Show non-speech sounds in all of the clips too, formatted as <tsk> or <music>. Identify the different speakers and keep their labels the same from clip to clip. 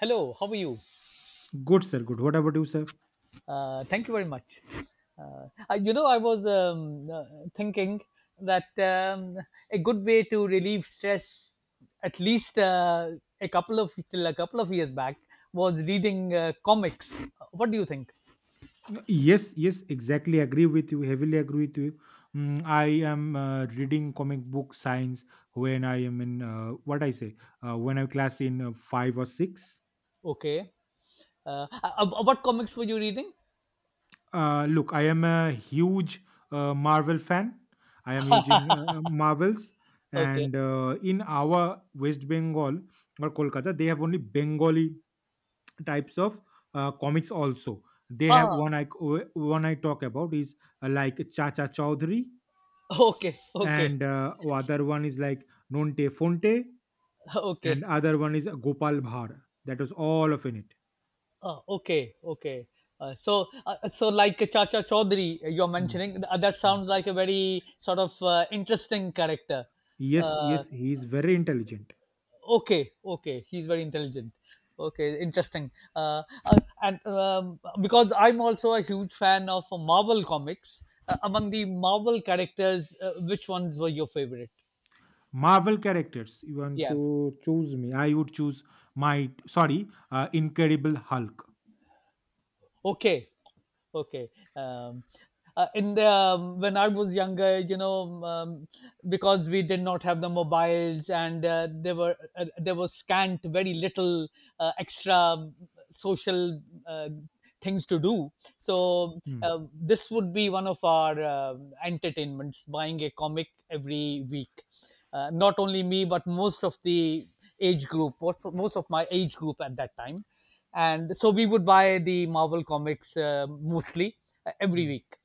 Speaker 1: Hello, how are you?
Speaker 2: Good, sir. Good. What about you, sir?
Speaker 1: Thank you very much. I- I was thinking that a good way to relieve stress, at least a couple of till a couple of years back, was reading comics. What do you think?
Speaker 2: Yes, yes, exactly. Agree with you. Heavily agree with you. I am reading comic book science when I am in what I say when I class in five or six.
Speaker 1: Okay. What comics were you reading?
Speaker 2: Look, I am a huge Marvel fan. I am using Marvels,
Speaker 1: Okay.
Speaker 2: and in our West Bengal or Kolkata, they have only Bengali types of comics. Also they have
Speaker 1: Ah,
Speaker 2: one I talk about is like Chacha Chaudhary,
Speaker 1: <laughs> okay, okay,
Speaker 2: and other one is like Nonte Fonte,
Speaker 1: okay.
Speaker 2: and other one is Gopal Bhar. That was all of in it.
Speaker 1: Oh, okay, okay. So like Chacha Chaudhary, you're
Speaker 2: Hmm,
Speaker 1: mentioning that
Speaker 2: hmm.
Speaker 1: sounds like a very sort of interesting character.
Speaker 2: Yes,
Speaker 1: Uh,
Speaker 2: yes, he is very intelligent.
Speaker 1: okay, okay, he's very intelligent. Okay, interesting. And because I'm also a huge fan of Marvel comics, among the Marvel characters, which ones were your favorite?
Speaker 2: Marvel characters you want to
Speaker 1: Yeah.
Speaker 2: choose me, I would choose my — sorry, Incredible Hulk.
Speaker 1: Okay. Okay. Um, in when I was younger, because we did not have the mobiles and there was scant, very little extra social uh, things to do. So
Speaker 2: Hmm,
Speaker 1: this would be one of our entertainments: buying a comic every week. Not only me, but most of the age group, what most of my age group at that time, and so we would buy the Marvel comics mostly every
Speaker 2: hmm,
Speaker 1: week.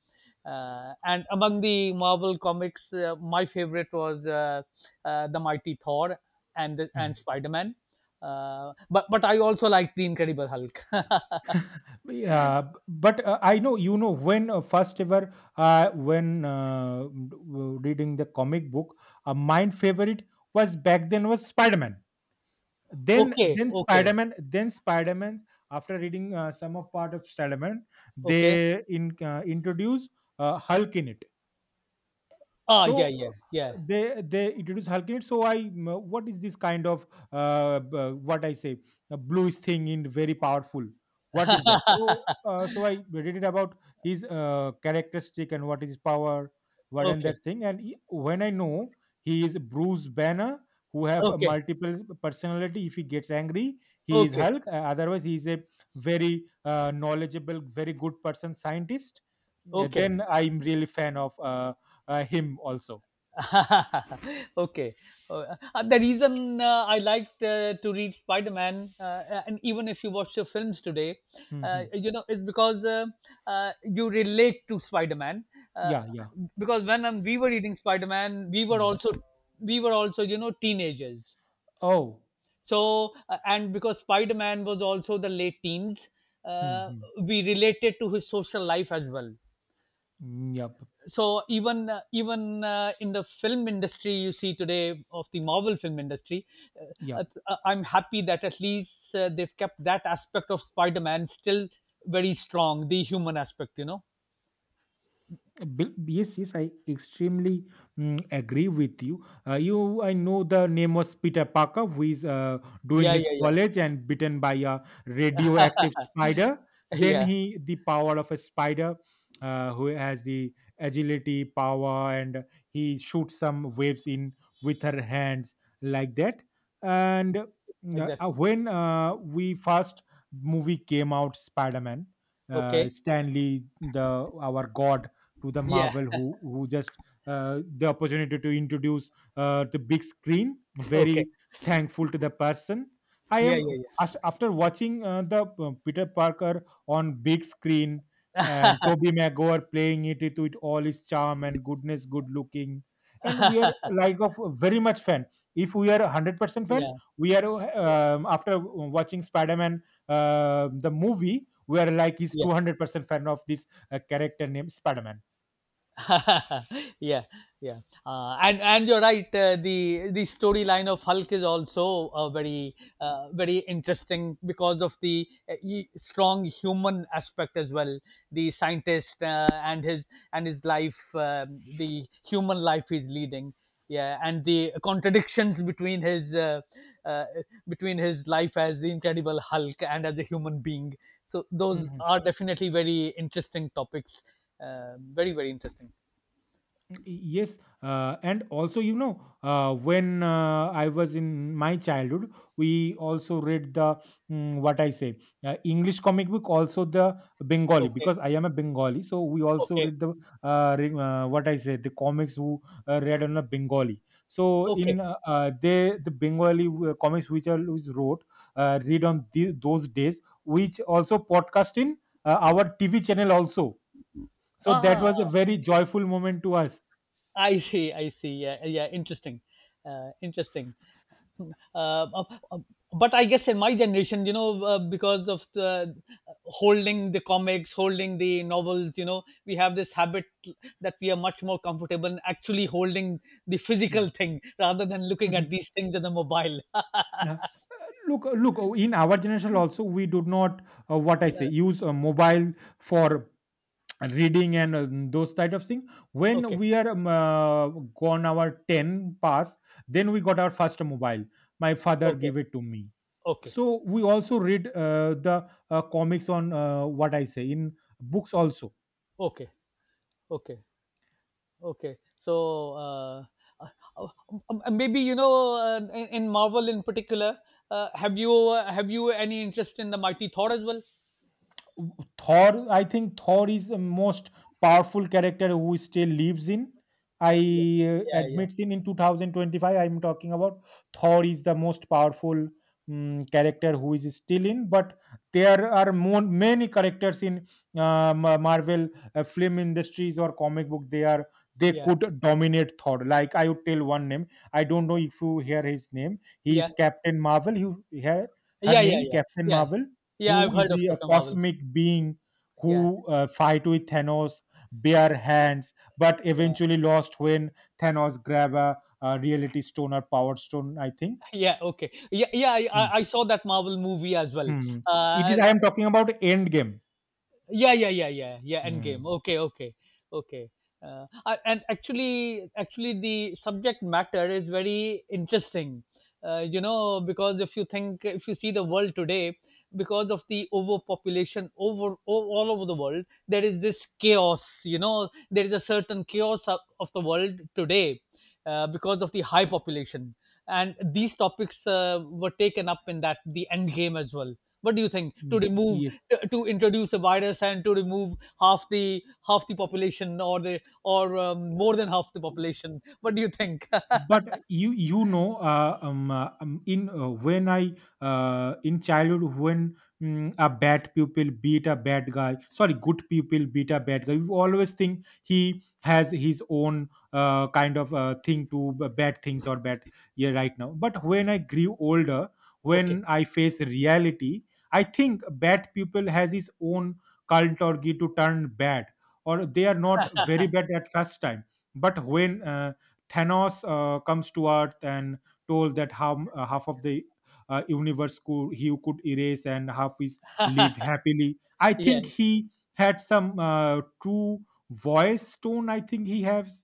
Speaker 1: And among the Marvel comics, my favorite was the Mighty Thor
Speaker 2: hmm.
Speaker 1: and Spider Man. But I also like the Incredible Hulk. <laughs>
Speaker 2: Yeah, but I know when first ever reading the comic book, my favorite was back then was Spider Man. Then
Speaker 1: Okay,
Speaker 2: then
Speaker 1: okay,
Speaker 2: Spider Man, then Spider Man, after reading some of part of Spider Man,
Speaker 1: okay.
Speaker 2: they in introduce Hulk in it.
Speaker 1: Ah, yeah,
Speaker 2: So
Speaker 1: yeah, yeah.
Speaker 2: they introduce Hulkinate. So what is this kind of what I say, a bluish thing in very powerful? What is that?
Speaker 1: <laughs>
Speaker 2: So I read it about his characteristic and what is his power, what and
Speaker 1: Okay,
Speaker 2: that thing. And when I know he is Bruce Banner, who have a
Speaker 1: okay,
Speaker 2: multiple personality. If he gets angry, he is
Speaker 1: okay,
Speaker 2: Hulk. Otherwise, he is a very knowledgeable, very good person, scientist. Yeah,
Speaker 1: okay.
Speaker 2: then I'm really fan of him also.
Speaker 1: <laughs> Okay. The reason I liked to read Spider Man, and even if you watch your films today,
Speaker 2: Mm-hmm.
Speaker 1: is because you relate to Spider Man. Uh,
Speaker 2: Yeah, yeah.
Speaker 1: because when we were reading Spider Man, we were
Speaker 2: Mm.
Speaker 1: also you know teenagers.
Speaker 2: Oh.
Speaker 1: So, and because Spider Man was also the late teens, uh,
Speaker 2: Mm-hmm.
Speaker 1: we related to his social life as well.
Speaker 2: Yep.
Speaker 1: So even even in the film industry, you see today of the Marvel film industry,
Speaker 2: Yep.
Speaker 1: I'm happy that at least they've kept that aspect of Spider Man still very strong, the human aspect, you know.
Speaker 2: Yes, yes, I extremely agree with you. You, I know the name was Peter Parker, who is doing
Speaker 1: Yeah,
Speaker 2: his
Speaker 1: yeah, yeah,
Speaker 2: college and bitten by a radioactive spider. Then
Speaker 1: <laughs> yeah,
Speaker 2: he, the power of a spider, who has the agility power, and he shoots some waves in with her hands like that. And
Speaker 1: exactly.
Speaker 2: when we first movie came out, Spider Man,
Speaker 1: Okay,
Speaker 2: Stanley, the our god to the
Speaker 1: yeah,
Speaker 2: Marvel, who just the opportunity to introduce the big screen.
Speaker 1: okay,
Speaker 2: Very thankful to the person. I
Speaker 1: yeah,
Speaker 2: am
Speaker 1: yeah, yeah,
Speaker 2: After watching the Peter Parker on big screen and Toby Maguire playing it with all his charm and goodness, good looking, and we are like of very much fan. If we are 100% fan,
Speaker 1: yeah,
Speaker 2: we are after watching Spider Man the movie, we are like is
Speaker 1: yeah.
Speaker 2: 200% fan of this character named Spider Man.
Speaker 1: <laughs> Yeah, yeah. And you're right, the storyline of Hulk is also very very interesting because of the strong human aspect as well, the scientist and his life, the human life he's leading, yeah, and the contradictions uh, between his life as the Incredible Hulk and as a human being. So those
Speaker 2: Mhm.
Speaker 1: are definitely very interesting topics, uh, very very interesting.
Speaker 2: Yes, and also when I was in my childhood, we also read the what I say, English comic book, also the Bengali,
Speaker 1: Okay,
Speaker 2: because I am a Bengali, so we also
Speaker 1: okay,
Speaker 2: read the what I say the comics who read on a Bengali. So
Speaker 1: okay.
Speaker 2: in they the Bengali comics which are which wrote, read on the, those days, which also podcast in our TV channel also. So
Speaker 1: Ah,
Speaker 2: that
Speaker 1: ah, ah.
Speaker 2: was a very joyful moment to us.
Speaker 1: I see, I see. Yeah, yeah. Interesting, interesting. Hmm. Uh, but I guess in my generation, you know, because of the holding the comics, holding the novels, you know, we have this habit that we are much more comfortable in actually holding the physical
Speaker 2: Hmm.
Speaker 1: thing rather than
Speaker 2: <laughs>
Speaker 1: looking at
Speaker 2: Mhm.
Speaker 1: these things in the mobile.
Speaker 2: Yeah. In our generation, also we do not, what I say, use a mobile for <tsk> reading and those type of thing.
Speaker 1: <laughs>
Speaker 2: When
Speaker 1: Okay,
Speaker 2: we are gone our ten pass, then we got our first mobile. My father
Speaker 1: okay,
Speaker 2: gave it to me.
Speaker 1: okay,
Speaker 2: So we also read the comics on what I say, in books also.
Speaker 1: okay, okay. Okay, so uh, uh, maybe you know in Marvel in particular, have you any interest in the Mighty Thor as well?
Speaker 2: Thor, I think Thor is the most powerful character who still lives in. I
Speaker 1: Yeah, yeah,
Speaker 2: admits in 2025. I'm talking about Thor is the most powerful character who is still in. But there are more, many characters in Marvel film industries or comic book. They
Speaker 1: yeah,
Speaker 2: could dominate Thor. Like I would tell one name. I don't know if you hear his name. He
Speaker 1: yeah,
Speaker 2: is Captain Marvel. He, her
Speaker 1: yeah, yeah, yeah,
Speaker 2: name Captain
Speaker 1: yeah, yeah.
Speaker 2: Marvel,
Speaker 1: Yeah, I've
Speaker 2: who is
Speaker 1: heard of
Speaker 2: he a
Speaker 1: Captain Marvel.
Speaker 2: cosmic being
Speaker 1: Yeah,
Speaker 2: who fight with Thanos bare hands, but
Speaker 1: yeah,
Speaker 2: eventually lost when Thanos grab a, reality stone or power stone. I think.
Speaker 1: <laughs> yeah. Okay, yeah, yeah.
Speaker 2: Mm.
Speaker 1: I saw that Marvel movie as well.
Speaker 2: Mm. It is.
Speaker 1: Uh,
Speaker 2: I am talking about Endgame.
Speaker 1: yeah yeah yeah yeah yeah, end
Speaker 2: Mm.
Speaker 1: game, okay, okay, okay. And actually the subject matter is very interesting, you know, because if you think, if you see the world today, because of the overpopulation all over the world, there is this chaos, you know, there is a certain chaos of the world today, because of the high population. And these topics were taken up in that the end game as well. What do you think to
Speaker 2: Yes,
Speaker 1: remove,
Speaker 2: yes.
Speaker 1: to introduce a virus and to remove half the population or the or more than half the population, what do you think? <laughs>
Speaker 2: But in when I in childhood when a bad pupil beat a bad guy — sorry, good pupil beat a bad guy — you always think he has his own kind of thing to bad things or bad, yeah, right now. But when I grew older,
Speaker 1: Okay.
Speaker 2: when I face reality, I think bad pupil has his own cult or get to turn bad, or they are not very bad at first time. But when Thanos comes to Earth and told that how half of the universe could he could erase and half is live happily. I
Speaker 1: <laughs> Yeah
Speaker 2: think he had some true voice tone. I think he has.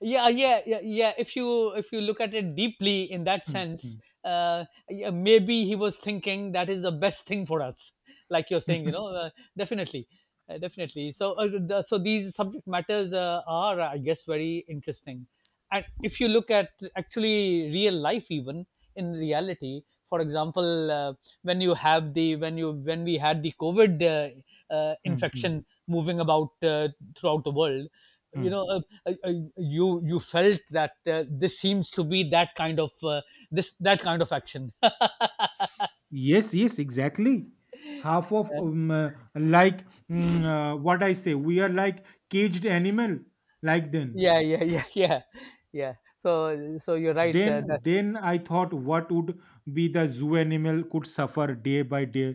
Speaker 1: yeah yeah yeah yeah, if you look at it deeply in that
Speaker 2: Hmm, hmm,
Speaker 1: sense, yeah, maybe he was thinking that is the best thing for us, like you're
Speaker 2: hmm,
Speaker 1: saying, you
Speaker 2: hmm,
Speaker 1: know, definitely, definitely. So so these subject matters are I guess very interesting. And if you look at actually real life, even in reality, for example, when you have the when you when we had the covid
Speaker 2: hmm, hmm,
Speaker 1: infection moving about throughout the world, you
Speaker 2: hmm.
Speaker 1: know, uh, uh, you you felt that this seems to be that kind of this that kind of action.
Speaker 2: Yes, yes, exactly. Half of like, what I say, we are like caged animal. Like then.
Speaker 1: Yeah yeah yeah <laughs> yeah yeah, so so you're right,
Speaker 2: then
Speaker 1: that,
Speaker 2: then I thought what would be the zoo animal could suffer day by day,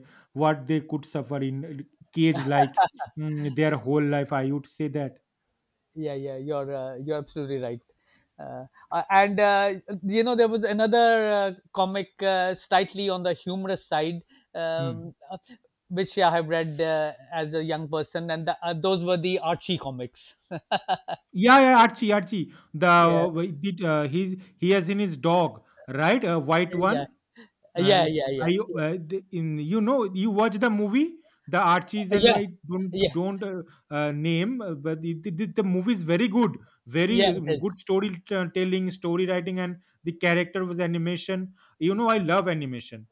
Speaker 2: what they could suffer in cage, like, their whole life, I would say that.
Speaker 1: yeah yeah, you're absolutely right. uh, and You know there was another comic slightly on the humorous side,
Speaker 2: Hmm.
Speaker 1: um, uh, which I have read as a young person, and those were the Archie comics.
Speaker 2: Yeah, yeah, Archie the,
Speaker 1: <laughs> Yeah
Speaker 2: did, he has in his dog, right, a white
Speaker 1: yeah
Speaker 2: one?
Speaker 1: yeah
Speaker 2: I
Speaker 1: yeah
Speaker 2: I
Speaker 1: yeah
Speaker 2: the- in you watch the movie, the Archies, and
Speaker 1: yeah
Speaker 2: I don't
Speaker 1: yeah
Speaker 2: don't name, but it, the, the movie is very good, very
Speaker 1: yeah, it is.
Speaker 2: good story, telling story, writing, and the character was animation. You know I love animation.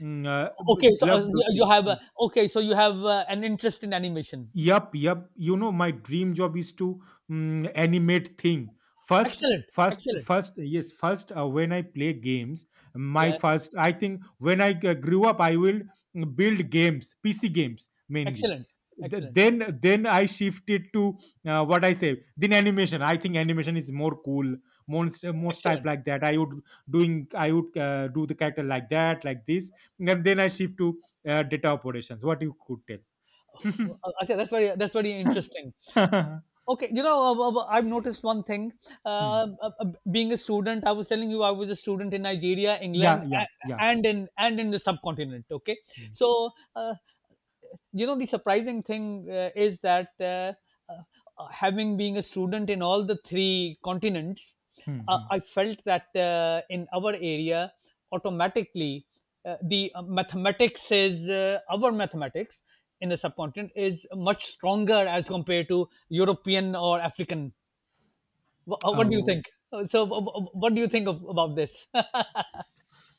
Speaker 1: Okay, so
Speaker 2: Love
Speaker 1: you
Speaker 2: those
Speaker 1: you
Speaker 2: things.
Speaker 1: have okay, so you have an interest in animation.
Speaker 2: Yup, yup. You know, my dream job is to animate thing. First,
Speaker 1: Excellent,
Speaker 2: first,
Speaker 1: excellent,
Speaker 2: first, yes, first, when I play games, my
Speaker 1: yeah.
Speaker 2: first, I think when I grew up, I will build games, PC games mainly.
Speaker 1: Excellent,
Speaker 2: Th-
Speaker 1: excellent,
Speaker 2: Then, then I shifted to what I say, then animation. I think animation is more cool, more stuff
Speaker 1: excellent.
Speaker 2: like that. I would doing, I would do the character like that, like this, and then I shift to data operations. What you could tell.
Speaker 1: Uh, Acha, that's very
Speaker 2: <laughs>
Speaker 1: interesting. Uh,
Speaker 2: <laughs>
Speaker 1: okay, you know, I've noticed one thing. Uh,
Speaker 2: Hmm.
Speaker 1: uh, uh, Being a student, I was telling you, I was a student in Nigeria,
Speaker 2: Yeah,
Speaker 1: England,
Speaker 2: yeah, yeah.
Speaker 1: and in the subcontinent. Okay,
Speaker 2: Hmm.
Speaker 1: so uh, you know the surprising thing is that having being a student in all the three continents,
Speaker 2: Mhm.
Speaker 1: I felt that in our area automatically the mathematics is our mathematics in the subcontinent is much stronger as compared to European or African. What do you
Speaker 2: Oh.
Speaker 1: think? What do you think of, about this?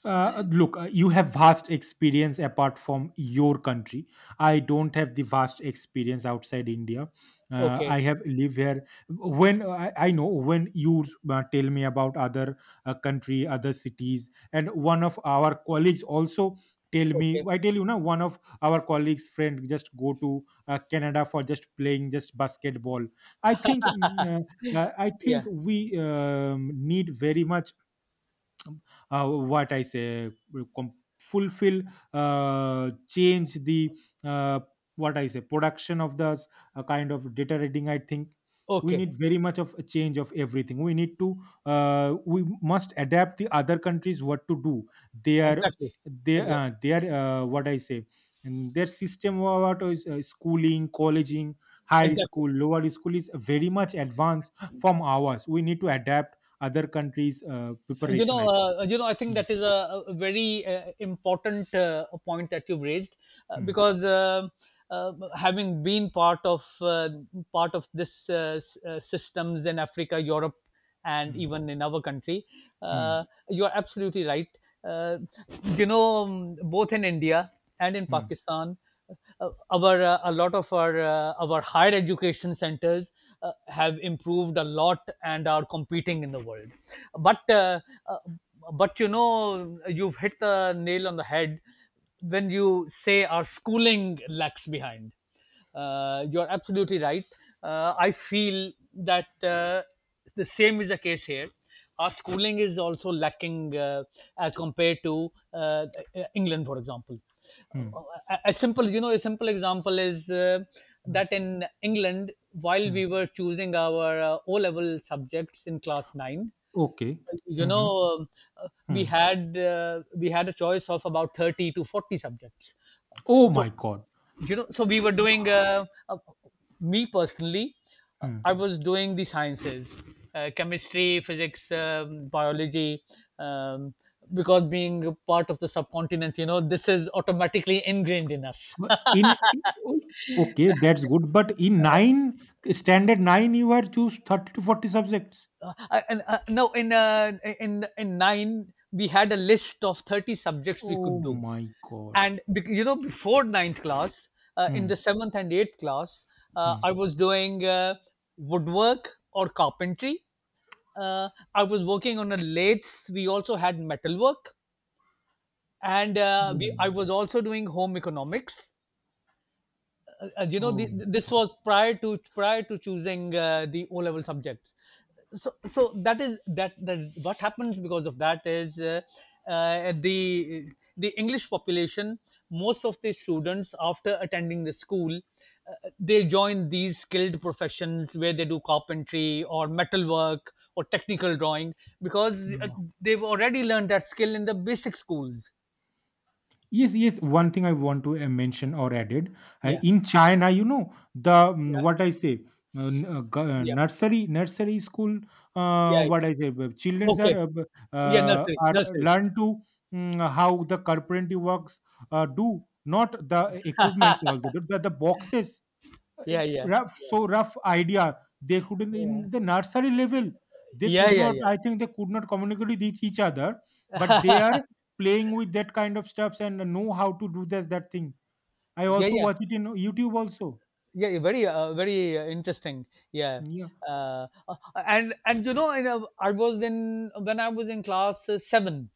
Speaker 2: Look, you have vast experience apart from your country. I don't have the vast experience outside India.
Speaker 1: <laughs> Okay
Speaker 2: I have live here. When I know when you tell me about other country, other cities, and one of our colleagues also tell me.
Speaker 1: okay
Speaker 2: I tell you now, one of our colleagues' friend just go to Canada for just playing just basketball. I think I think
Speaker 1: yeah
Speaker 2: we need very much, what I say, fulfill, change the, uh, what I say, production of the kind of data reading. I think we
Speaker 1: okay,
Speaker 2: need very much of a change of everything. We need to we must adapt the other countries what to do their,
Speaker 1: exactly
Speaker 2: their uh,
Speaker 1: exactly
Speaker 2: their uh, what I say, and their system about schooling, colleging, higher
Speaker 1: exactly.
Speaker 2: school, lower school is very much advanced from ours. We need to adapt other countries'
Speaker 1: You
Speaker 2: preparation.
Speaker 1: know
Speaker 2: I think.
Speaker 1: you know I think
Speaker 2: Hmm,
Speaker 1: that is a very important point that you've raised,
Speaker 2: hmm,
Speaker 1: because having been part of this systems in Africa, Europe and
Speaker 2: hmm,
Speaker 1: even in our country,
Speaker 2: hmm,
Speaker 1: uh, you're absolutely right. uh, you know, both in India and in
Speaker 2: hmm,
Speaker 1: Pakistan, our a lot of our higher education centers have improved a lot and are competing in the world, but uh, uh, but you know you've hit the nail on the head when you say our schooling lags behind. You're absolutely right. I feel that the same is the case here, our schooling is also lacking as compared to uh, England, for example. A
Speaker 2: hmm,
Speaker 1: a simple you know a simple example is
Speaker 2: hmm,
Speaker 1: that in England, while
Speaker 2: hmm.
Speaker 1: we were choosing our O level subjects in class 9,
Speaker 2: Okay.
Speaker 1: you know,
Speaker 2: Mm-hmm,
Speaker 1: um, uh, we
Speaker 2: hmm.
Speaker 1: had uh, we had a choice of about 30 to 40 subjects.
Speaker 2: Oh
Speaker 1: So
Speaker 2: my God.
Speaker 1: you know so we were doing me personally,
Speaker 2: Hmm.
Speaker 1: I was doing the sciences, chemistry, physics, biology, um, because being a part of the subcontinent you know this is automatically ingrained in us.
Speaker 2: But in o- okay,
Speaker 1: <laughs>
Speaker 2: that's good. But in nine, standard nine, you have choose 30 to 40 subjects.
Speaker 1: uh, and No, in in 9 we had a list of 30 subjects we
Speaker 2: Oh
Speaker 1: could do.
Speaker 2: my God.
Speaker 1: You know before ninth class, in
Speaker 2: Hmm,
Speaker 1: the seventh and eighth class,
Speaker 2: hmm.
Speaker 1: I was doing woodwork or carpentry, uh, I was working on a lathe, we also had metalwork, and I
Speaker 2: Hmm.
Speaker 1: was also doing home economics. And you know
Speaker 2: Oh my
Speaker 1: this
Speaker 2: God.
Speaker 1: was prior to prior to choosing the O level subjects. So so that is that that what happens because of that is uh, the the English population, most of the students after attending the school they join these skilled professions where they do carpentry or metalwork or technical drawing, because
Speaker 2: Hmm.
Speaker 1: they've already learned that skill in the basic schools.
Speaker 2: Yes, yes. One thing I want to mention or added
Speaker 1: Yeah
Speaker 2: in China, you know the,
Speaker 1: yeah
Speaker 2: what I say,
Speaker 1: yeah
Speaker 2: nursery school.
Speaker 1: yeah
Speaker 2: What I say, children
Speaker 1: okay,
Speaker 2: are
Speaker 1: yeah, nursery
Speaker 2: are
Speaker 1: nursery.
Speaker 2: learn to, how the carpentry works, do not the equipments, all the, the boxes, uh,
Speaker 1: Yeah, yeah.
Speaker 2: rough, so rough idea they couldn't
Speaker 1: Yeah.
Speaker 2: in the nursery level, they
Speaker 1: Yeah,
Speaker 2: could
Speaker 1: yeah,
Speaker 2: not.
Speaker 1: yeah.
Speaker 2: I think they could not communicate with each other, but they are
Speaker 1: <laughs>
Speaker 2: playing with that kind of stuffs and know how to do this that thing. I
Speaker 1: Yeah,
Speaker 2: also
Speaker 1: yeah.
Speaker 2: watch it in YouTube also.
Speaker 1: Yeah, very, very interesting. Yeah.
Speaker 2: Yeah,
Speaker 1: Uh, uh, and you know, I was in when I was in class seven.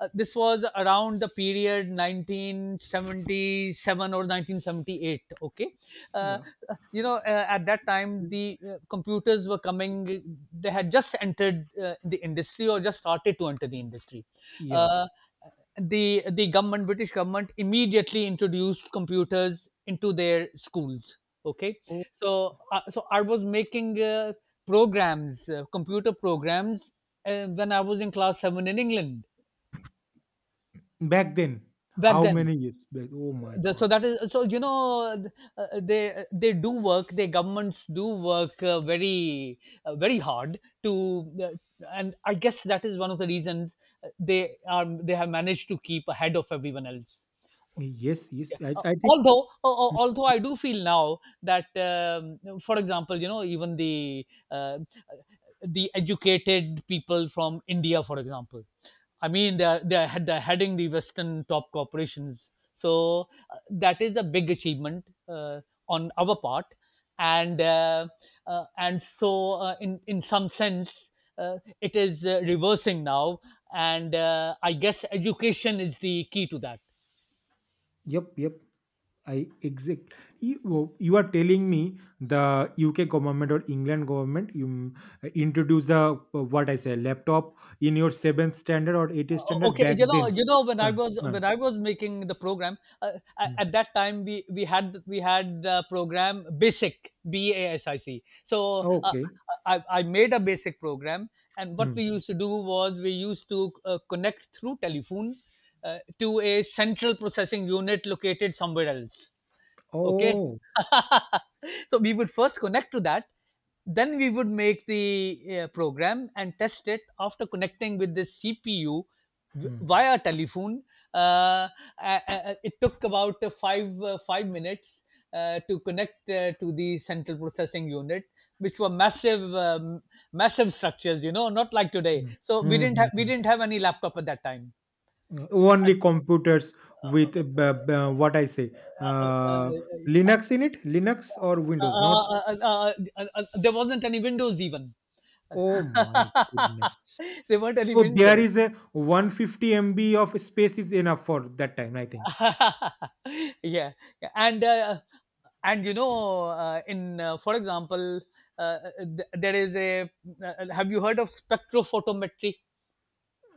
Speaker 1: This was around the period 1977 or 1978. Okay. uh,
Speaker 2: yeah,
Speaker 1: you know, at that time the computers were coming. They had just entered the industry, or just started to enter the industry.
Speaker 2: yeah.
Speaker 1: uh, the government, British government, immediately introduced computers into their schools. Okay.
Speaker 2: Oh.
Speaker 1: So so I was making programs, computer programs, when I was in class 7 in England
Speaker 2: Back then.
Speaker 1: back
Speaker 2: How
Speaker 1: then.
Speaker 2: many years back? Oh my
Speaker 1: the,
Speaker 2: God.
Speaker 1: so that is so you know, they do work. Their governments do work very very hard to and I guess that is one of the reasons they have managed to keep ahead of everyone else.
Speaker 2: Yes, yes.
Speaker 1: Yeah.
Speaker 2: i, I think.
Speaker 1: Although, although I do feel now that for example, you know, even the educated people from India, for example, I mean, they're heading the Western top corporations, so that is a big achievement on our part. And and so in some sense, it is reversing now, and I guess education is the key to that.
Speaker 2: Yep, yep. I exact, you, you are telling me the UK government or England government, you introduce the, what I say, laptop in your seventh standard or eighth standard
Speaker 1: Okay.
Speaker 2: back
Speaker 1: you know
Speaker 2: then.
Speaker 1: you know when i
Speaker 2: Uh,
Speaker 1: was
Speaker 2: uh,
Speaker 1: when i was making the program,
Speaker 2: mm.
Speaker 1: at that time we had the program BASIC, B A S I C. So
Speaker 2: Okay.
Speaker 1: I made a BASIC program, and what we
Speaker 2: Hmm.
Speaker 1: used to do was we used to connect through telephone to a central processing unit located somewhere else. Okay.
Speaker 2: Oh.
Speaker 1: <laughs> So we would first connect to that, then we would make the program and test it after connecting with the CPU
Speaker 2: Hmm.
Speaker 1: via telephone. Uh, uh, it took about 5 minutes to connect to the central processing unit, which were massive, massive structures. You know, not like today.
Speaker 2: Hmm.
Speaker 1: So we
Speaker 2: Hmm,
Speaker 1: didn't
Speaker 2: hmm,
Speaker 1: have we
Speaker 2: hmm.
Speaker 1: didn't have any laptop at that time.
Speaker 2: Only computers
Speaker 1: Uh, uh,
Speaker 2: with what I say,
Speaker 1: uh, uh,
Speaker 2: uh,
Speaker 1: uh,
Speaker 2: Linux in it, Linux or Windows, not.
Speaker 1: there wasn't any Windows even.
Speaker 2: Oh my goodness.
Speaker 1: <laughs> There weren't any
Speaker 2: So there
Speaker 1: windows.
Speaker 2: is a 150 MB of space is enough for that time, I think.
Speaker 1: <laughs> Yeah, yeah, and, you know, for example, uh, th there is a have you heard of spectrophotometry?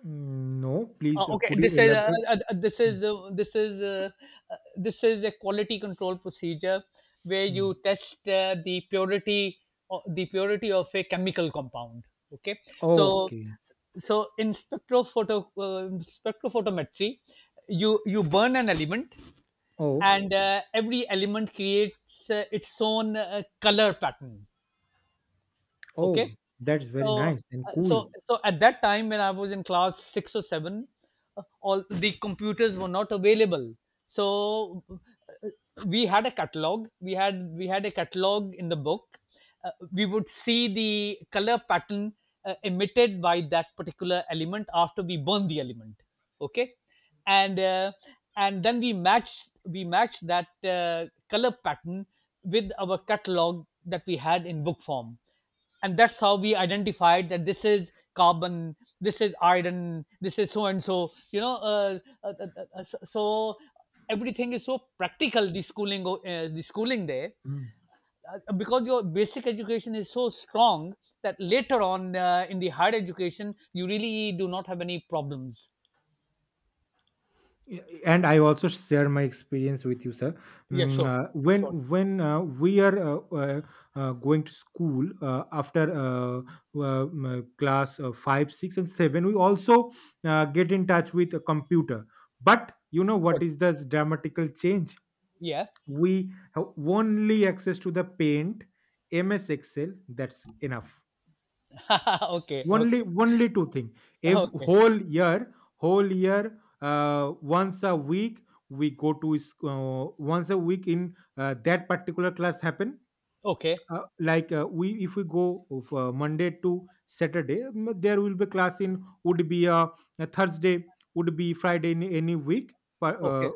Speaker 2: No, please,
Speaker 1: Okay,
Speaker 2: could you elaborate? Mm,
Speaker 1: this is a quality control procedure where
Speaker 2: mm.
Speaker 1: you test the purity the purity of a chemical compound. Okay. So
Speaker 2: Okay.
Speaker 1: so in spectrophoto spectrophotometry, you burn an element,
Speaker 2: Oh,
Speaker 1: and every element creates its own color pattern. Okay.
Speaker 2: oh, that's very
Speaker 1: So,
Speaker 2: nice and cool.
Speaker 1: so at that time when I was in class six or seven, all the computers were not available. So we had a catalog. We had a catalog in the book. We would see the color pattern emitted by that particular element after we burn the element. Okay, and uh, and then we matched that color pattern with our catalog that we had in book form, and that's how we identified that this is carbon, this is iron, this is so and so. You know, so so everything is so practical, the schooling, the schooling there,
Speaker 2: Mm.
Speaker 1: because your basic education is so strong that later on in the higher education you really do not have any problems.
Speaker 2: Yeah, and I also share my experience with you, sir.
Speaker 1: Yeah,
Speaker 2: Mm,
Speaker 1: sure.
Speaker 2: uh, when
Speaker 1: Sure.
Speaker 2: we are going to school, class 5, 6 and 7, we also get in touch with a computer. But you know what
Speaker 1: Good.
Speaker 2: is this dramatical change?
Speaker 1: Yeah.
Speaker 2: We have only access to the paint, MS Excel, that's enough.
Speaker 1: <laughs> Okay,
Speaker 2: only
Speaker 1: okay.
Speaker 2: only two thing. If
Speaker 1: Okay,
Speaker 2: whole year, once a week we go to sc- once a week in that particular class happen.
Speaker 1: okay,
Speaker 2: Like, we if we go of, Monday to Saturday, there will be class in, would be a Thursday, would be Friday in any week, but
Speaker 1: okay,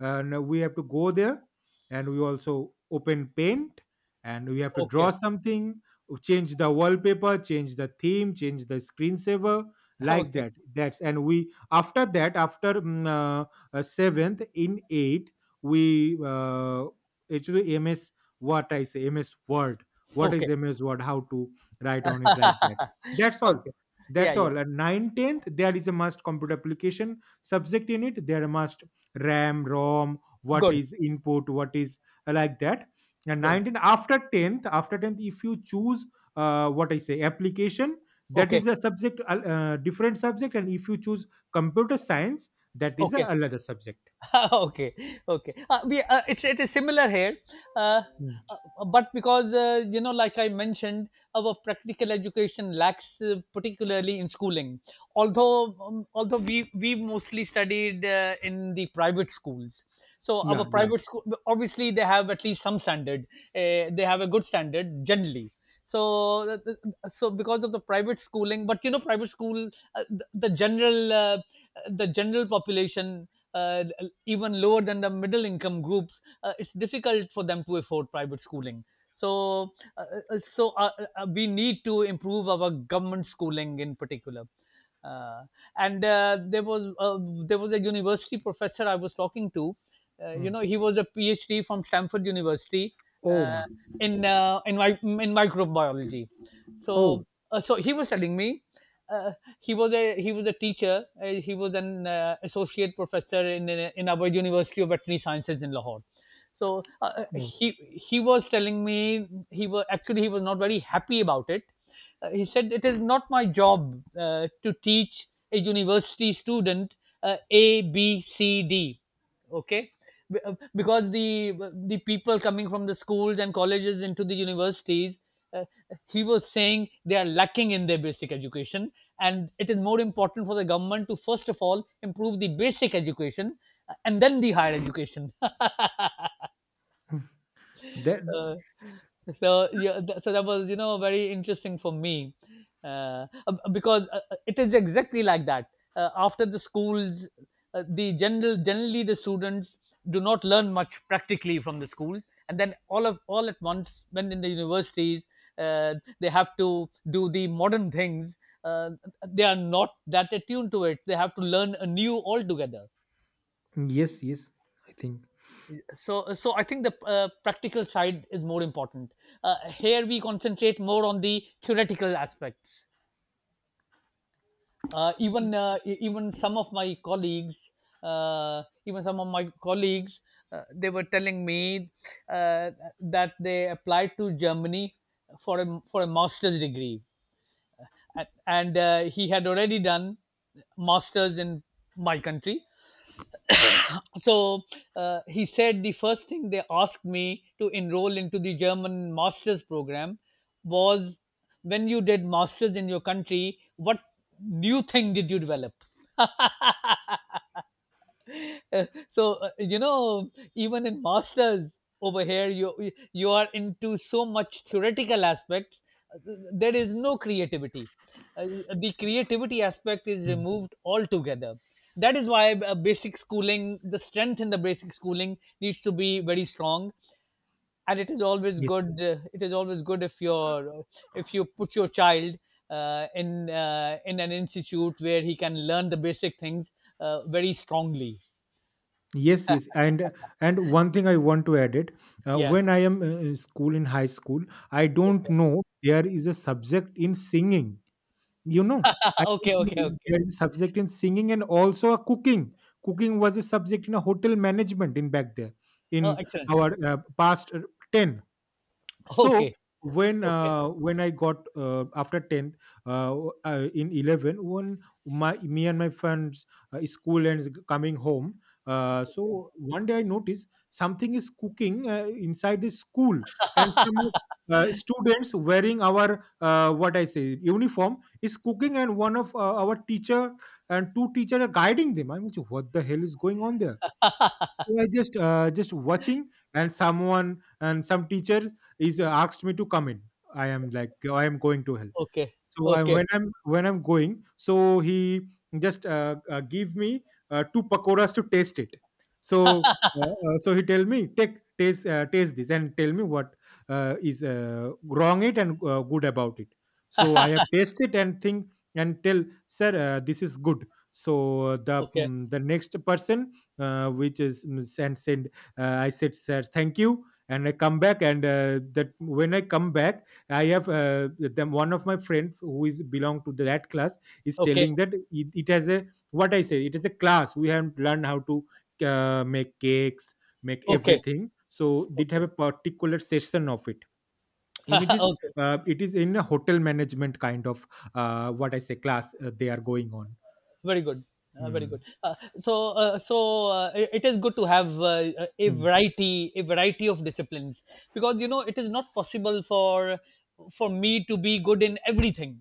Speaker 2: and we have to go there, and we also open paint, and we have to draw
Speaker 1: okay,
Speaker 2: something, change the wallpaper, change the theme, change the screensaver, like
Speaker 1: okay,
Speaker 2: that. That's, and we, after that, after 7th in 8th, we actually MS, what I say MS Word, what is
Speaker 1: okay.
Speaker 2: MS Word, how to write on it, like that. That's
Speaker 1: <laughs>
Speaker 2: all.
Speaker 1: Okay. Yeah,
Speaker 2: That's
Speaker 1: yeah.
Speaker 2: all. And 9, tenth, there is a must computer application subject in it. There must RAM, ROM, what
Speaker 1: Good.
Speaker 2: is input, what is like that. And
Speaker 1: Good.
Speaker 2: 19, after 10th, if you choose, what I say application, that
Speaker 1: Okay.
Speaker 2: is a subject, different subject. And if you choose computer science, that is a
Speaker 1: Okay.
Speaker 2: another subject.
Speaker 1: <laughs> Okay, okay. It's, it is similar here, uh,
Speaker 2: Mm.
Speaker 1: but because you know, like I mentioned, our practical education lacks, particularly in schooling. Although, although we mostly studied in the private schools. So
Speaker 2: Yeah,
Speaker 1: our
Speaker 2: yeah.
Speaker 1: private school, obviously, they have at least some standard. They have a good standard generally. So, so because of the private schooling, but you know, private school, the general population uh, even lower than the middle income groups, it's difficult for them to afford private schooling. So, so we need to improve our government schooling in particular. Uh, and there was a university professor I was talking to. You
Speaker 2: Mm.
Speaker 1: know, he was a PhD from Stanford University
Speaker 2: Oh
Speaker 1: uh,
Speaker 2: my.
Speaker 1: in my in microbiology.
Speaker 2: Oh.
Speaker 1: So so he was telling me uh, he was a teacher. He was an associate professor in our University of Veterinary Sciences in Lahore. So
Speaker 2: Mm.
Speaker 1: he was telling me he was, actually he was not very happy about it. He said it is not my job to teach a university student ABCD. Okay, because the people coming from the schools and colleges into the universities, uh, he was saying they are lacking in their basic education, and it is more important for the government to first of all improve the basic education and then the higher education. <laughs>
Speaker 2: That.
Speaker 1: <laughs> Uh, so yeah, so that was, you know, very interesting for me, because it is exactly like that. After the schools, the general generally the students do not learn much practically from the schools, and then all of, all at once when in the universities, uh, they have to do the modern things. Uh, they are not that attuned to it. They have to learn anew altogether.
Speaker 2: Yes, yes, I think.
Speaker 1: So I think the practical side is more important. Here we concentrate more on the theoretical aspects. Even, even some of my colleagues, even some of my colleagues, they were telling me uh, that they applied to Germany for a master's degree, and he had already done masters in my country. So he said the first thing they asked me to enroll into the German masters program was, when you did masters in your country, what new thing did you develop? <laughs> <laughs> Uh, so you know, even in masters over here, you are into so much theoretical aspects. There is no creativity. uh, the creativity aspect is
Speaker 2: Mm.
Speaker 1: removed altogether. That is why basic schooling, the strength in the basic schooling, needs to be very strong. And it is always
Speaker 2: Yes.
Speaker 1: good, it is always good if you're, if you put your child in an institute where he can learn the basic things very strongly.
Speaker 2: Yes, yes, and one thing I want to add it. Uh,
Speaker 1: Yeah.
Speaker 2: when I am in school, in high school, I don't
Speaker 1: Okay.
Speaker 2: know there is a subject in singing. You know, I
Speaker 1: <laughs>
Speaker 2: don't
Speaker 1: Okay, okay,
Speaker 2: know
Speaker 1: okay.
Speaker 2: there is a subject in singing, and also a cooking. Cooking was a subject in a hotel management in back there
Speaker 1: Oh,
Speaker 2: in
Speaker 1: excellent.
Speaker 2: our past ten. So
Speaker 1: Okay.
Speaker 2: when
Speaker 1: Okay.
Speaker 2: uh, when I got after 10th, uh, in 11, when my me and my friends school and coming home, so one day I noticed something is cooking inside the school, and some students wearing our what I say uniform is cooking, and one of our teacher and two teacher are guiding them. I'm like, what the hell is going on there. I just watching, and some teacher is asked me to come in. I am like, I am going to hell.
Speaker 1: Okay.
Speaker 2: So
Speaker 1: Okay.
Speaker 2: when I'm going, so he just give me two pakoras to taste it. So he tell me, take taste taste this and tell me what is wrong it, and good about it. So I have tasted and think and tell, sir, this is good. So the
Speaker 1: Okay.
Speaker 2: mm, the next person, which is, send, I said, sir, thank you. And I come back, and that when I come back, I have them. One of my friend who is belong to that class is
Speaker 1: Okay.
Speaker 2: telling that, it has a, what I say. It is a class. We haven't learned how to make cakes, make
Speaker 1: Okay.
Speaker 2: everything. So did
Speaker 1: Okay.
Speaker 2: have
Speaker 1: Okay.
Speaker 2: a particular session of it. In it
Speaker 1: <laughs>
Speaker 2: is,
Speaker 1: Okay.
Speaker 2: it is in a hotel management kind of what I say class, they are going on.
Speaker 1: Very good. Very good.
Speaker 2: Hmm.
Speaker 1: It it is good to have a
Speaker 2: Hmm.
Speaker 1: variety a variety of disciplines, because you know it is not possible for me to be good in everything.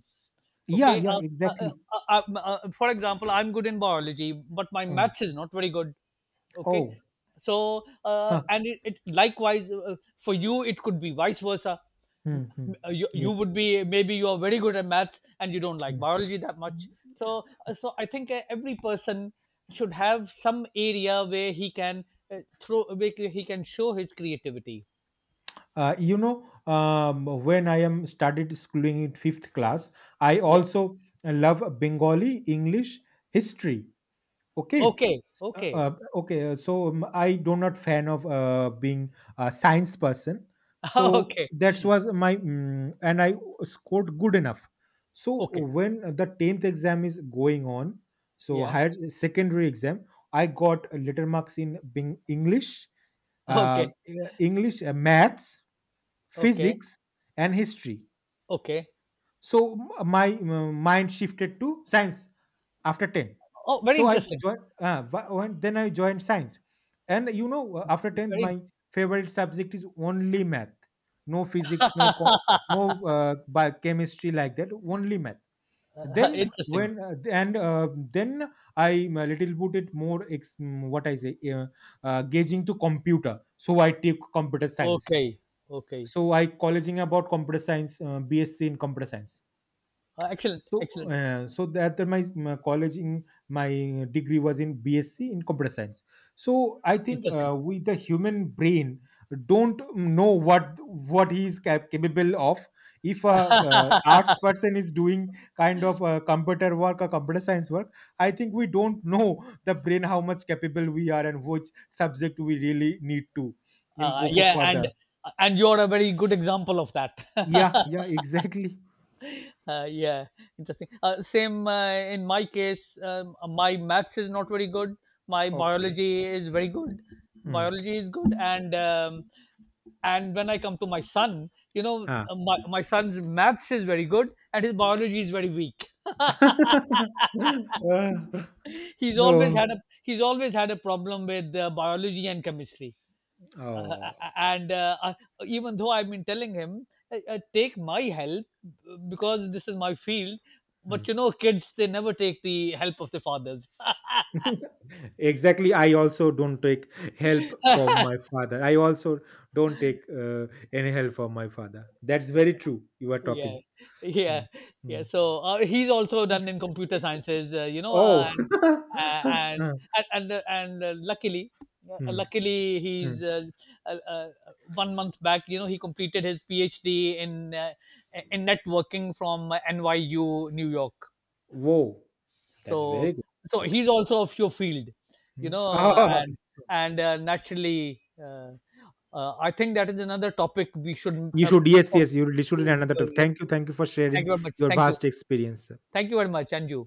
Speaker 2: Yeah,
Speaker 1: Okay.
Speaker 2: yeah, exactly.
Speaker 1: For example, I'm good in biology, but my
Speaker 2: Hmm.
Speaker 1: maths is not very good. Okay.
Speaker 2: Oh,
Speaker 1: So
Speaker 2: huh.
Speaker 1: and it likewise for you it could be vice versa.
Speaker 2: Hmm, hmm.
Speaker 1: You
Speaker 2: Yes.
Speaker 1: would be, maybe you are very good at maths and you don't like
Speaker 2: Hmm.
Speaker 1: biology that much. So so I think every person should have some area where he can throw where he can show his creativity.
Speaker 2: uh, you know when I am started schooling in fifth class, I
Speaker 1: Yeah.
Speaker 2: also love Bengali, English, history. Okay.
Speaker 1: Okay,
Speaker 2: uh,
Speaker 1: okay.
Speaker 2: uh, okay so, I do not fan of being a science person. So
Speaker 1: <laughs> Okay,
Speaker 2: that was my, and I scored good enough. So
Speaker 1: okay.
Speaker 2: when the 10th exam is going on, so
Speaker 1: Yeah.
Speaker 2: higher secondary exam, I got letter marks in being English,
Speaker 1: Okay,
Speaker 2: English, maths,
Speaker 1: okay,
Speaker 2: physics, and history.
Speaker 1: okay.
Speaker 2: So my mind shifted to science after 10.
Speaker 1: Oh, very
Speaker 2: So I
Speaker 1: interesting.
Speaker 2: joined, then I joined science. And after 10,
Speaker 1: Very,
Speaker 2: my favorite subject is only math. No physics, no no chemistry, like that, only math.
Speaker 1: <laughs>
Speaker 2: Then
Speaker 1: interesting.
Speaker 2: when, and then I am a little bit more what I say, gauging to computer, so I take computer science.
Speaker 1: Okay, okay.
Speaker 2: So I colleging about computer science, BSc in computer science.
Speaker 1: Excellent,
Speaker 2: So
Speaker 1: excellent.
Speaker 2: uh, so that my college in my degree was in BSc in computer science. So I think,
Speaker 1: Interesting.
Speaker 2: we the human brain don't know what he is capable of. If
Speaker 1: <laughs>
Speaker 2: a, arts person is doing kind of computer work or computer science work, I think we don't know the brain how much capable we are, and which subject we really need to, in, go for
Speaker 1: Yeah,
Speaker 2: further.
Speaker 1: and you're a very good example of that.
Speaker 2: Yeah,
Speaker 1: <laughs>
Speaker 2: yeah, <laughs> exactly.
Speaker 1: Yeah, interesting. Same in my case, my maths is not very good. My
Speaker 2: Okay.
Speaker 1: biology is very good.
Speaker 2: Hmm.
Speaker 1: Biology is good, and when I come to my son, you know,
Speaker 2: Ah.
Speaker 1: my my son's maths is very good, and his biology is very weak. <laughs>
Speaker 2: <laughs> Uh,
Speaker 1: he's always
Speaker 2: no.
Speaker 1: had a He's always had a problem with biology and chemistry. uh,
Speaker 2: Oh.
Speaker 1: and uh, I- Even though I've been telling him, take my help because this is my field.
Speaker 2: Hmm.
Speaker 1: But you know, kids, they never take the help of the fathers.
Speaker 2: <laughs> exactly. I also don't take help from my
Speaker 1: <laughs>
Speaker 2: father. I also don't take any help from my father. That's very true. You are
Speaker 1: Yeah,
Speaker 2: talking. Hmm.
Speaker 1: yeah,
Speaker 2: Hmm.
Speaker 1: yeah. So he's also done in computer sciences, you know,
Speaker 2: Oh. <laughs>
Speaker 1: uh, and
Speaker 2: Hmm.
Speaker 1: and luckily,
Speaker 2: Hmm.
Speaker 1: luckily
Speaker 2: Hmm.
Speaker 1: he's, uh, uh, 1 month back, you know, he completed his PhD in networking from NYU, New York.
Speaker 2: Whoa. That's very
Speaker 1: So
Speaker 2: good. Good.
Speaker 1: he's also of your field, you
Speaker 2: Hmm. <laughs>
Speaker 1: know,
Speaker 2: Ah,
Speaker 1: and naturally, I think that is another topic we should.
Speaker 2: you should. Yes,
Speaker 1: Prob-
Speaker 2: yes. You really should do another topic. Thank you. Thank you for
Speaker 1: Thank
Speaker 2: sharing
Speaker 1: you very much.
Speaker 2: your
Speaker 1: Thank you.
Speaker 2: vast experience.
Speaker 1: Thank you very much, and you.